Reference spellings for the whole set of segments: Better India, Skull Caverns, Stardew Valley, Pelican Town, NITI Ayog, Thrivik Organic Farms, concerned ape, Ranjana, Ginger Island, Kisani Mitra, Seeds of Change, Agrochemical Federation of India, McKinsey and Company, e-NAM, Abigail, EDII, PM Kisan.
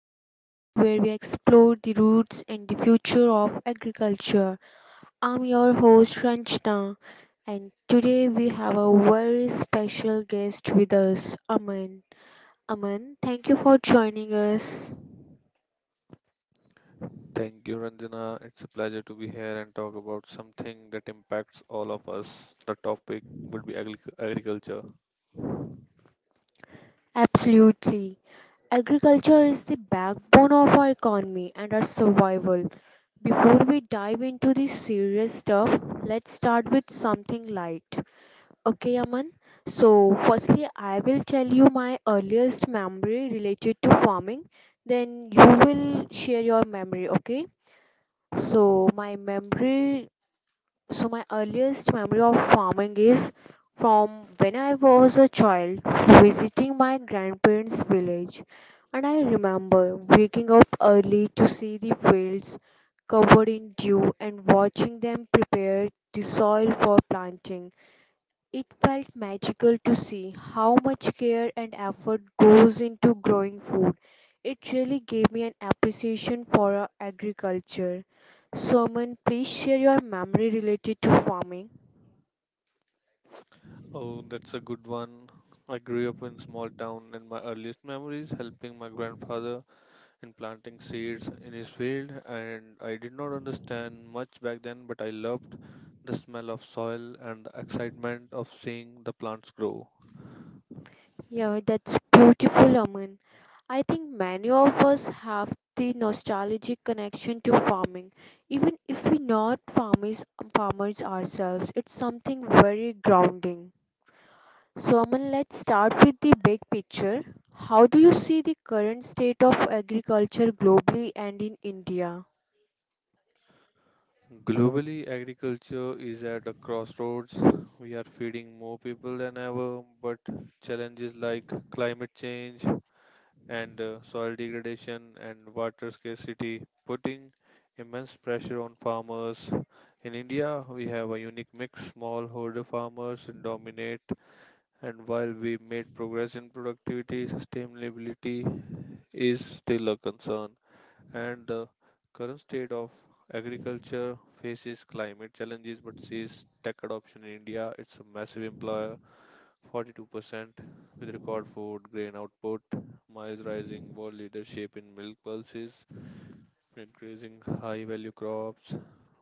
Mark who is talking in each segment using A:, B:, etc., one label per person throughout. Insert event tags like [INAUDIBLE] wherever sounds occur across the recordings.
A: podcast where we explore the roots and the future of agriculture. I'm your host Ranjana, and today we have a very special guest with us, Aman. Aman, thank you for joining us.
B: Thank you, Ranjana. It's a pleasure to be here and talk about something that impacts all of us. The topic would be agriculture.
A: Absolutely. Agriculture is the backbone of our economy and our survival. Before we dive into the serious stuff, let's start with something light. Okay, Aman. So, firstly, I will tell you my earliest memory related to farming. Then you will share your memory, okay? So, my memory, so my earliest memory of farming is from when I was a child visiting my grandparents' village. And I remember waking up early to see the fields covered in dew and watching them prepare the soil for planting. It felt magical to see how much care and effort goes into growing food. It really gave me an appreciation for our agriculture. So, Aman, please share your memory related to farming.
B: Oh, that's a good one. I grew up in small town and my earliest memories helping my grandfather in planting seeds in his field and I did not understand much back then but I loved the smell of soil and the excitement of seeing the plants grow.
A: Yeah, that's beautiful, Aman. I think many of us have the nostalgic connection to farming. Even if we're not farmers ourselves, it's something very grounding. So, Aman, let's start with the big picture. How do you see the current state of agriculture globally and in India?
B: Globally, agriculture is at a crossroads. We are feeding more people than ever, but challenges like climate change and soil degradation and water scarcity putting immense pressure on farmers. In India, we have a unique mix. Smallholder farmers dominate, and while we made progress in productivity, sustainability is still a concern and the current state of agriculture faces climate challenges but sees tech adoption in India. It's a massive employer, 42% with record food grain output, miles rising world leadership in milk pulses, increasing high value crops,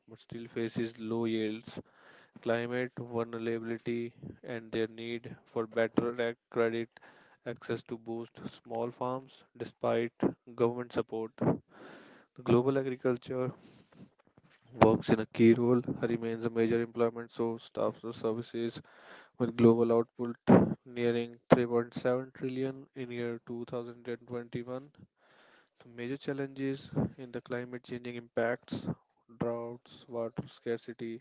B: but still faces low yields, climate vulnerability, and their need for better credit access to boost small farms despite government support. The global agriculture works in a key role, remains a major employment source, staffs the services with global output nearing 3.7 trillion in year 2021. The major challenges in the climate changing impacts, droughts, water scarcity,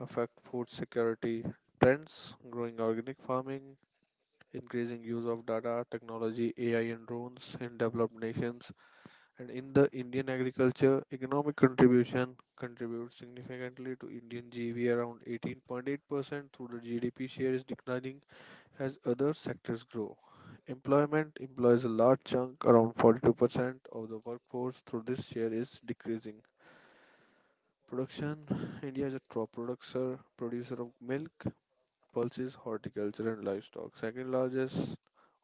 B: affect food security, trends, growing organic farming, increasing use of data, technology, AI and drones in developed nations, and in the Indian agriculture, economic contribution contributes significantly to Indian G.V. around 18.8% through the GDP share is declining as other sectors grow. Employment employs a large chunk, around 42% of the workforce through this share is decreasing. Production [SIGHS] India is a top producer, producer of milk, pulses, horticulture and livestock. Second largest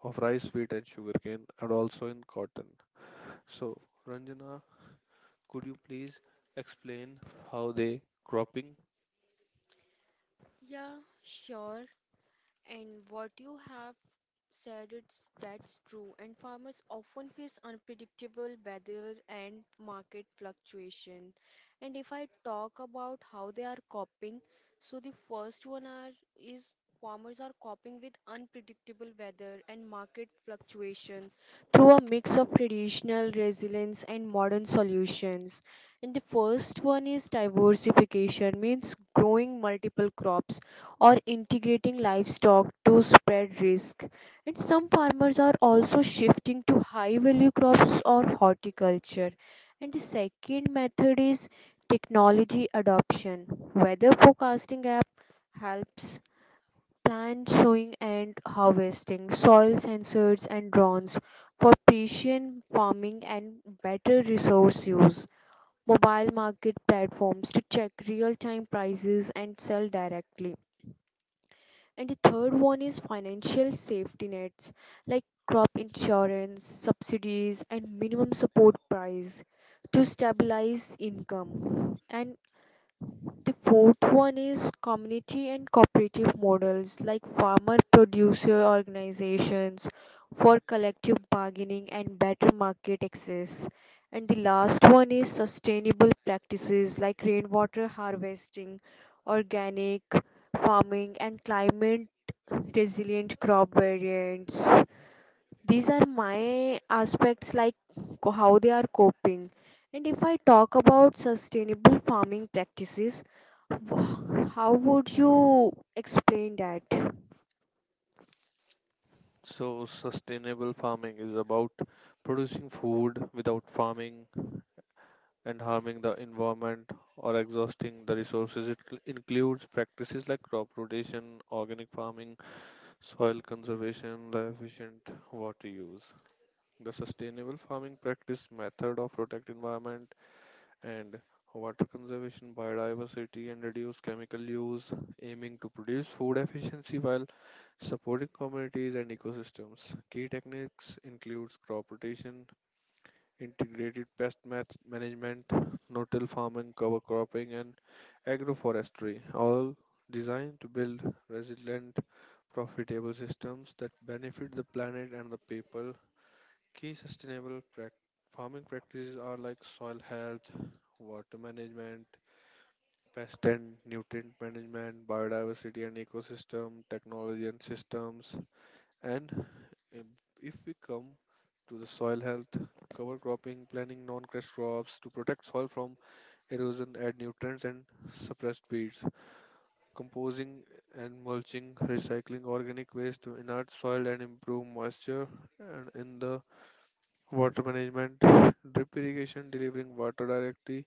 B: of rice, wheat and sugarcane and also in cotton. So, Ranjana, could you please explain how they cropping?
A: Yeah, sure. And what you have said, it's that's true, and farmers often face unpredictable weather and market fluctuation. And if I talk about how they are coping, so the first one are is farmers are coping with unpredictable weather and market fluctuation through a mix of traditional resilience and modern solutions. And the first one is diversification, means growing multiple crops or integrating livestock to spread risk. And some farmers are also shifting to high value crops or horticulture. And the second method is technology adoption. Weather forecasting app helps plan sowing and harvesting, soil sensors and drones for precision farming and better resource use, mobile market platforms to check real time prices and sell directly. And the third one is financial safety nets like crop insurance, subsidies, and minimum support price to stabilize income. And the fourth one is community and cooperative models like farmer producer organizations for collective bargaining and better market access. And the last one is sustainable practices like rainwater harvesting, organic farming, and climate resilient crop variants. These are my aspects like how they are coping. And if I talk about sustainable farming practices, how would you explain that?
B: So, sustainable farming is about producing food without farming and harming the environment or exhausting the resources. It includes practices like crop rotation, organic farming, soil conservation, the efficient water use. The sustainable farming practice method of protect environment and water conservation, biodiversity, and reduce chemical use, aiming to produce food efficiency while supporting communities and ecosystems. Key techniques include crop rotation, integrated management, no-till farming, cover cropping, and agroforestry, all designed to build resilient, profitable systems that benefit the planet and the people. Key sustainable farming practices are like soil health, water management, pest and nutrient management, biodiversity and ecosystem, technology and systems, and if if we come to the soil health, cover cropping, planting non crushed crops to protect soil from erosion, add nutrients and suppressed weeds, composing and mulching, recycling organic waste to inert soil and improve moisture, and in the water management, drip irrigation, delivering water directly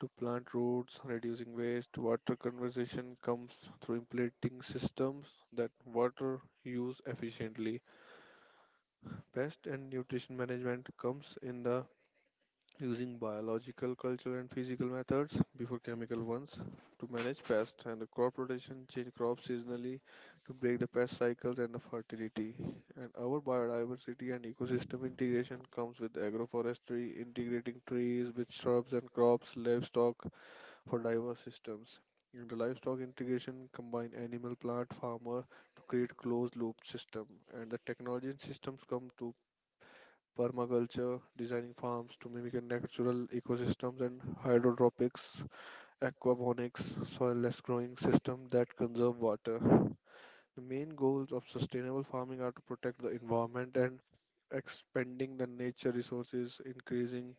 B: to plant roots, reducing waste. Water conservation comes through implementing systems that water use efficiently. Pest and nutrition management comes in the using biological, cultural, and physical methods before chemical ones to manage pests and the crop rotation, change crops seasonally to break the pest cycles and the fertility. And our biodiversity and ecosystem integration comes with agroforestry, integrating trees with shrubs and crops, livestock for diverse systems. And the livestock integration combine animal, plant, farmer to create closed loop system and the technology and systems come to permaculture, designing farms to mimic natural ecosystems, and hydroponics, aquaponics, soilless growing system that conserve water. The main goals of sustainable farming are to protect the environment and expanding the nature resources, increasing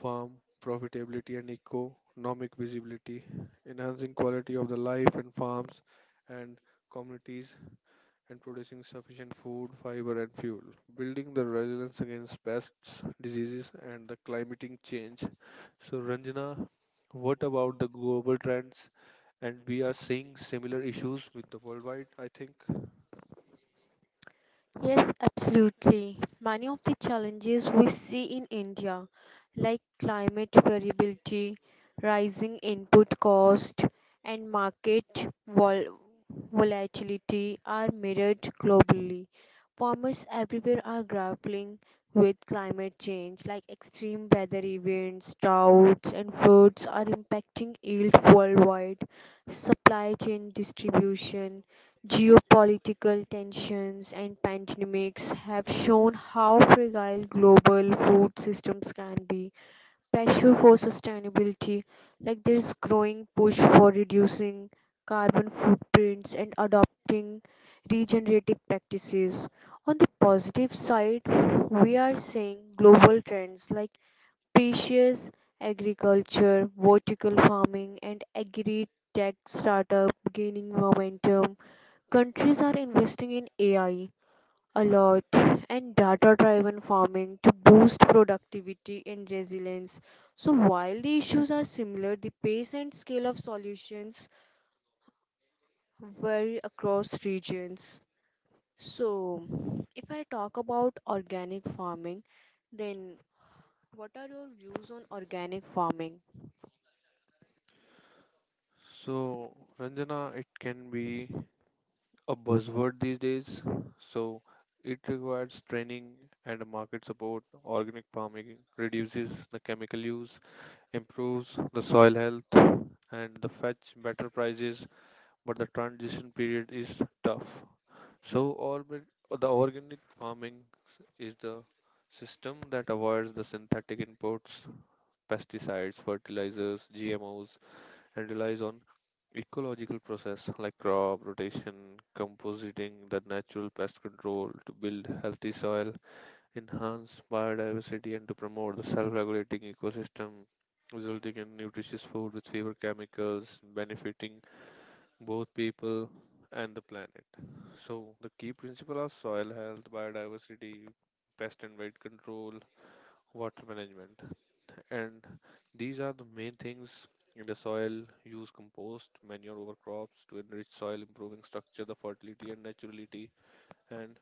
B: farm profitability and economic visibility, enhancing quality of the life in farms and communities and producing sufficient food, fiber, and fuel. Building the resilience against pests, diseases, and the climatic change. So, Ranjana, what about the global trends? And we are seeing similar issues with the worldwide, I think.
A: Yes, absolutely. Many of the challenges we see in India, like climate variability, rising input cost, and volatility, are mirrored globally. Farmers everywhere are grappling with climate change, like extreme weather events, droughts, and floods are impacting yield worldwide. Supply chain distribution, geopolitical tensions and pandemics have shown how fragile global food systems can be. Pressure for sustainability, like there's growing push for reducing carbon footprints and adopting regenerative practices. On the positive side, we are seeing global trends like precious agriculture, vertical farming, and agri tech startup gaining momentum. Countries are investing in AI a lot, and data driven farming to boost productivity and resilience. So, while the issues are similar, the pace and scale of solutions vary across regions. So, if I talk about organic farming, then what are your views on organic farming?
B: So, Ranjana, it can be a buzzword these days. So, it requires training and market support. Organic farming reduces the chemical use, improves the soil health, and the fetch better prices but the transition period is tough. So, organic, the organic farming is the system that avoids the synthetic inputs, pesticides, fertilizers, GMOs, and relies on ecological process like crop rotation, compositing, the natural pest control to build healthy soil, enhance biodiversity, and to promote the self-regulating ecosystem, resulting in nutritious food with fewer chemicals, benefiting both people and the planet. So, the key principle are soil health, biodiversity, pest and weed control, water management, and these are the main things in the soil. Use compost, manure over crops to enrich soil, improving structure, the fertility and naturality, and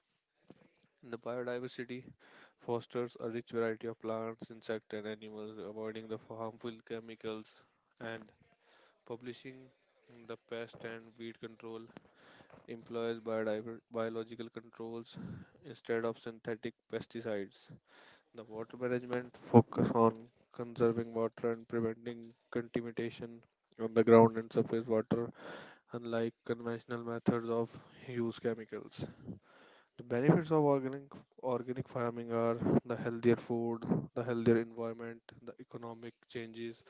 B: in the biodiversity fosters a rich variety of plants, insects, and animals, avoiding the harmful chemicals and publishing the pest and weed control employs biological controls instead of synthetic pesticides. The water management focus on conserving water and preventing contamination on the ground and surface water unlike conventional methods of use chemicals. The benefits of organic farming are the healthier food, the healthier environment, the economic changes.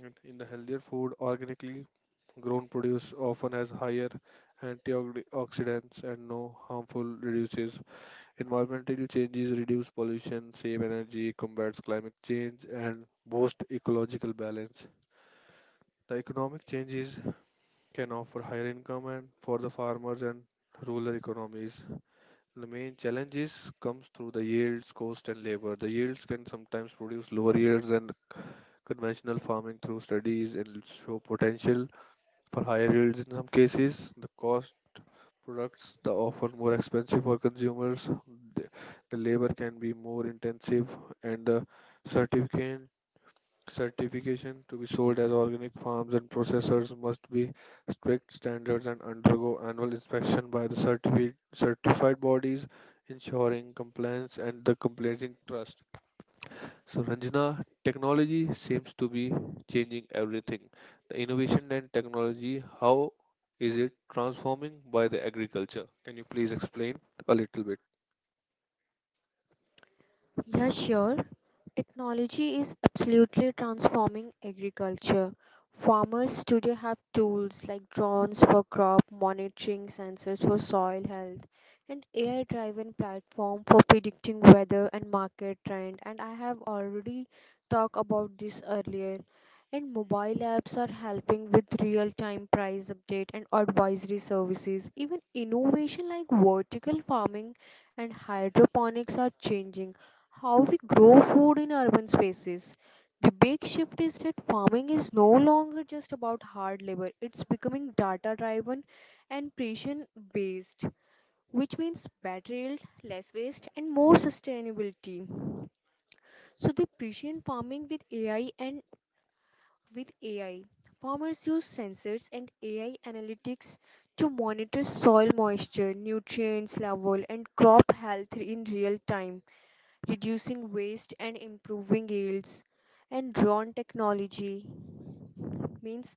B: And in the healthier food, organically grown produce often has higher antioxidants and no harmful reduces. Environmental changes reduce pollution, save energy, combats climate change, and boost ecological balance. The economic changes can offer higher income and for the farmers and rural economies. The main challenges comes through the yields, cost, and labor. The yields can sometimes produce lower yields than conventional farming through studies and show potential for higher yields in some cases. The cost products, the often more expensive for consumers, the, the labor can be more intensive, and the certificate certification to be sold as organic farms and processors must be strict standards and undergo annual inspection by the certified bodies ensuring compliance and the compliant trust. So, Ranjana, technology seems to be changing everything. The innovation and technology, how is it transforming by the agriculture? Can you please explain a little bit?
A: Yeah, sure. Technology is absolutely transforming agriculture. Farmers today have tools like drones for crop monitoring, sensors for soil health, and AI-driven platform for predicting weather and market trend. And I have already talked about this earlier. And mobile apps are helping with real-time price update and advisory services. Even innovation like vertical farming and hydroponics are changing how we grow food in urban spaces. The big shift is that farming is no longer just about hard labor, it's becoming data driven and precision based, which means better yield, less waste, and more sustainability. So, the precision farming with AI. Farmers use sensors and AI analytics to monitor soil moisture, nutrients level, and crop health in real time, reducing waste and improving yields. And drone technology means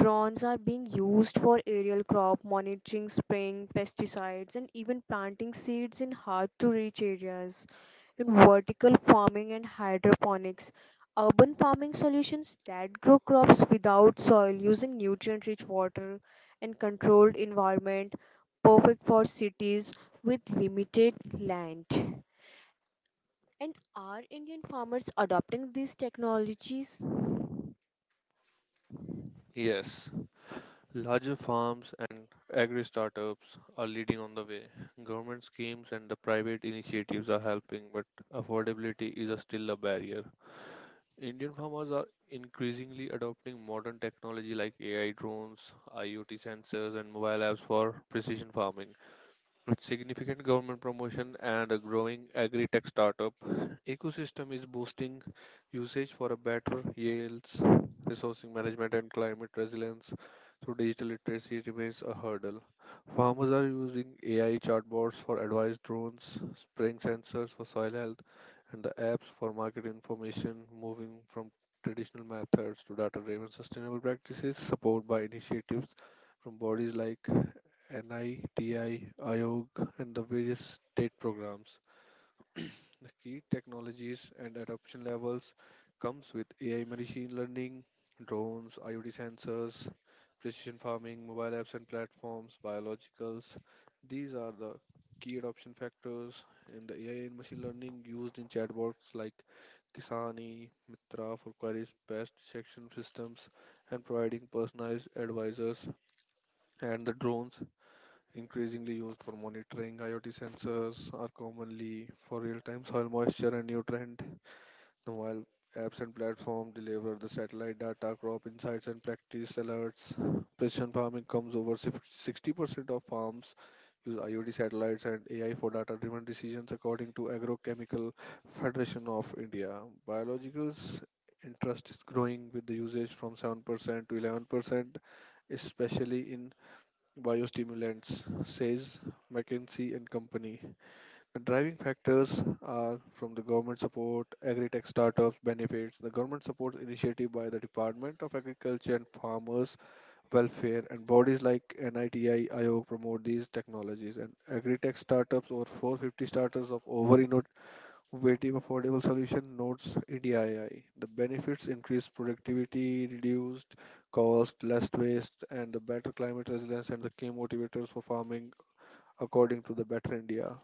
A: drones are being used for aerial crop monitoring, spraying pesticides, and even planting seeds in hard to reach areas. In vertical farming and hydroponics, urban farming solutions that grow crops without soil using nutrient rich water and controlled environment, perfect for cities with limited land. And are Indian farmers adopting these technologies?
B: Yes, larger farms and agri startups are leading on the way. Government schemes and the private initiatives are helping, but affordability is a still a barrier. Indian farmers are increasingly adopting modern technology like AI drones, IoT sensors, and mobile apps for precision farming. With significant government promotion and a growing agri startup ecosystem is boosting usage for a better yields, resourcing management and climate resilience through digital literacy remains a hurdle. Farmers are using AI chatbots for advice, drones, spraying sensors, soil health, and the apps for market information, moving from traditional methods to data-driven sustainable practices, supported by initiatives from bodies like NITI, AYOG and the various state programs. [CLEARS THROAT] The key technologies and adoption levels comes with AI machine learning, drones, IoT sensors, precision farming, mobile apps and platforms, biologicals. These are the key adoption factors in the AI and machine learning used in chatbots like Kisani, Mitra for queries, pest detection systems, providing personalized advisors, and the drones increasingly used for monitoring. IoT sensors are commonly for real-time soil moisture and nutrient. Now, while apps and platforms deliver the satellite data, crop insights, and practice alerts, precision farming comes over 60% of farms use IoT satellites and AI for data-driven decisions, according to Agrochemical Federation of India. Biologicals interest is growing with the usage from 7% to 11%, especially in biostimulants, says McKinsey and Company. The driving factors are from the government support, agri-tech startups benefits. The government supports initiative by the Department of Agriculture and Farmers Welfare and bodies like NITI, IO promote these technologies and agri-tech startups. Over 450 startups of over waiting affordable solution notes EDII. The benefits increase productivity, reduced cost, less waste, and the better climate resilience and the key motivators for farming according to the Better India.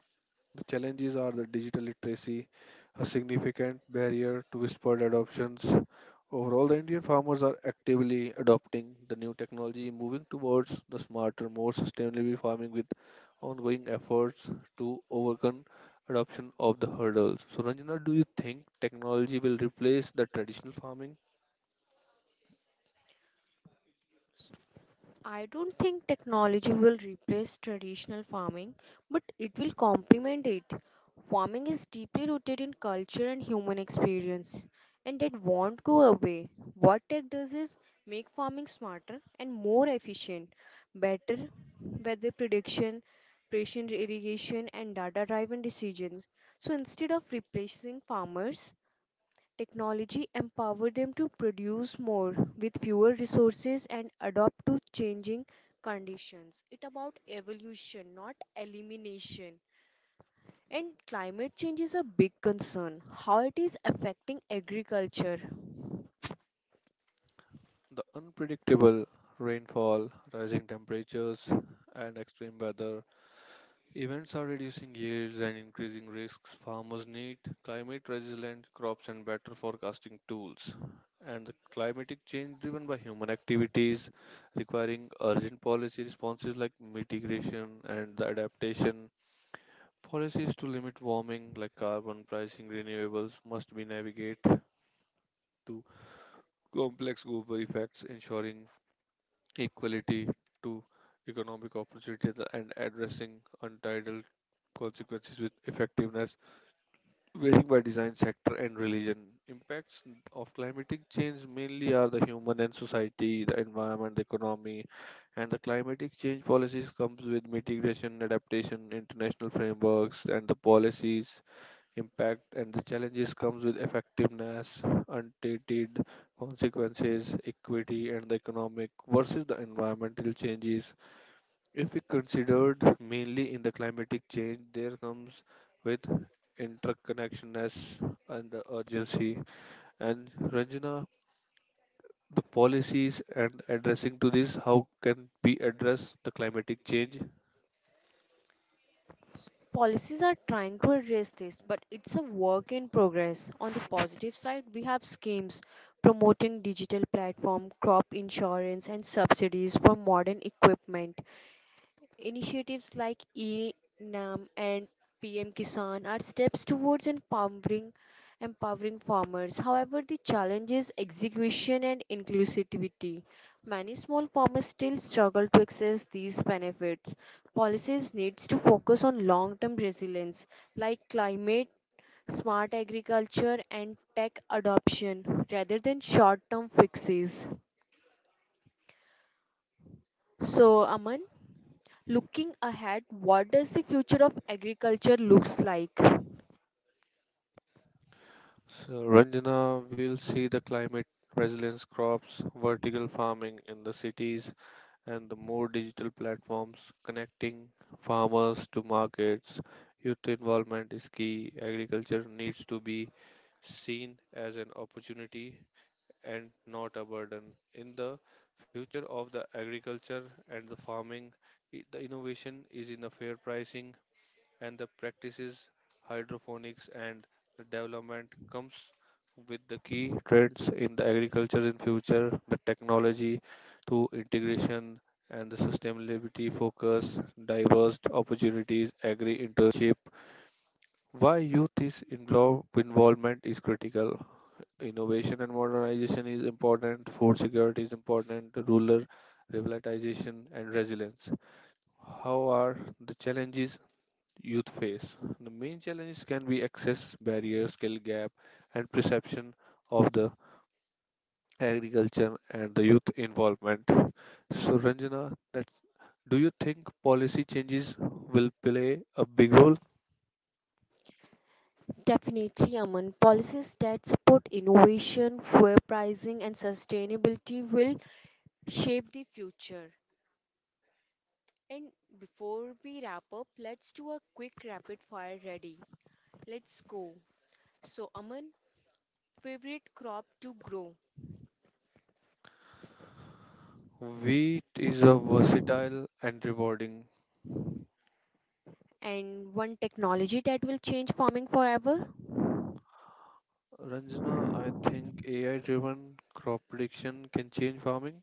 B: The challenges are the digital literacy, a significant barrier to whispered adoptions. Overall, the Indian farmers are actively adopting the new technology, moving towards the smarter, more sustainable farming with ongoing efforts to overcome adoption of the hurdles. So, Ranjana, do you think technology will replace the traditional farming?
A: I don't think technology will replace traditional farming, but it will complement it. Farming is deeply rooted in culture and human experience, and that won't go away. What tech does is make farming smarter and more efficient, better weather prediction, precision irrigation, and data driven decisions. So instead of replacing farmers, technology empowered them to produce more with fewer resources and adapt to changing conditions. It's about evolution, not elimination. And climate change is a big concern. How it is affecting agriculture?
B: The unpredictable rainfall, rising temperatures, and extreme weather events are reducing yields and increasing risks. Farmers need climate resilient crops and better forecasting tools. And the climatic change driven by human activities requiring urgent policy responses like mitigation and the adaptation. Policies to limit warming like carbon pricing renewables must be navigate to complex global effects, ensuring equality to economic opportunity and addressing untitled consequences with effectiveness, varying by design sector and religion. Impacts of climatic change mainly are the human and society, the environment, the economy, and the climatic change policies comes with mitigation, adaptation, international frameworks, and the policies impact and the challenges comes with effectiveness, untainted consequences, equity, and the economic versus the environmental changes if we considered mainly in the climatic change, there comes with interconnectedness and the urgency. And Ranjana, the policies and addressing to this, how can we address the climatic change?
A: Policies are trying to address this, but it's a work in progress. On the positive side, we have schemes promoting digital platform, crop insurance, and subsidies for modern equipment. Initiatives like e-NAM and PM Kisan are steps towards empowering farmers. However, the challenge is execution and inclusivity. Many small farmers still struggle to access these benefits. Policies needs to focus on long-term resilience like climate smart agriculture and tech adoption rather than short-term fixes. So, Aman, looking ahead, what does the future of agriculture looks like?
B: So Ranjana will see the climate resilience crops, vertical farming in the cities, and the more digital platforms connecting farmers to markets. Youth involvement is key. Agriculture needs to be seen as an opportunity and not a burden. In the future of the agriculture and the farming, the innovation is in the fair pricing and the practices hydroponics and the development comes with the key trends in the agriculture in future the technology to integration and the sustainability focus diverse opportunities agri internship why youth is involved involvement is critical innovation and modernization is important food security is important rural revitalization and resilience how are the challenges youth face. The main challenges can be access barriers, skill gap, and perception of the agriculture and the youth involvement. So, Ranjana, do you think policy changes will play a big role?
A: Definitely, Aman, policies that support innovation, fair pricing, and sustainability will shape the future. And before we wrap up, let's do a quick rapid fire ready. Let's go. So, Aman, favorite crop to grow,
B: Wheat is a versatile and rewarding.
A: and one technology that will change farming forever?
B: Ranjana, I think AI driven crop prediction can change farming.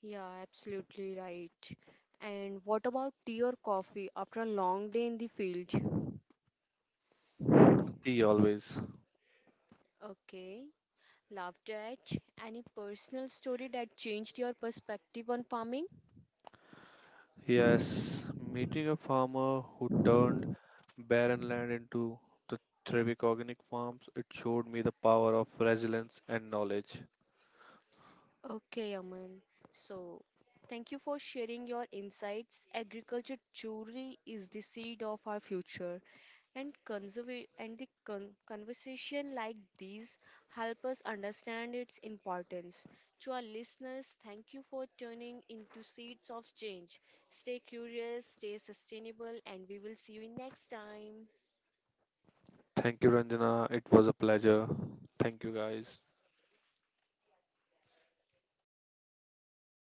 A: Yeah, absolutely right. And what about tea or coffee after a long day in the field?
B: Tea always.
A: Okay. Laughed at. Any personal story that changed your perspective on farming?
B: Yes, meeting a farmer who turned barren land into the Thrivik Organic Farms, it showed me the power of resilience and knowledge.
A: Okay, Aman. So, thank you for sharing your insights. Agriculture truly is the seed of our future, and conversation like these help us understand its importance. To our listeners, thank you for turning into Seeds of Change. Stay curious, stay sustainable, and we will see you next time.
B: Thank you, Ranjana. It was a pleasure. Thank you, guys.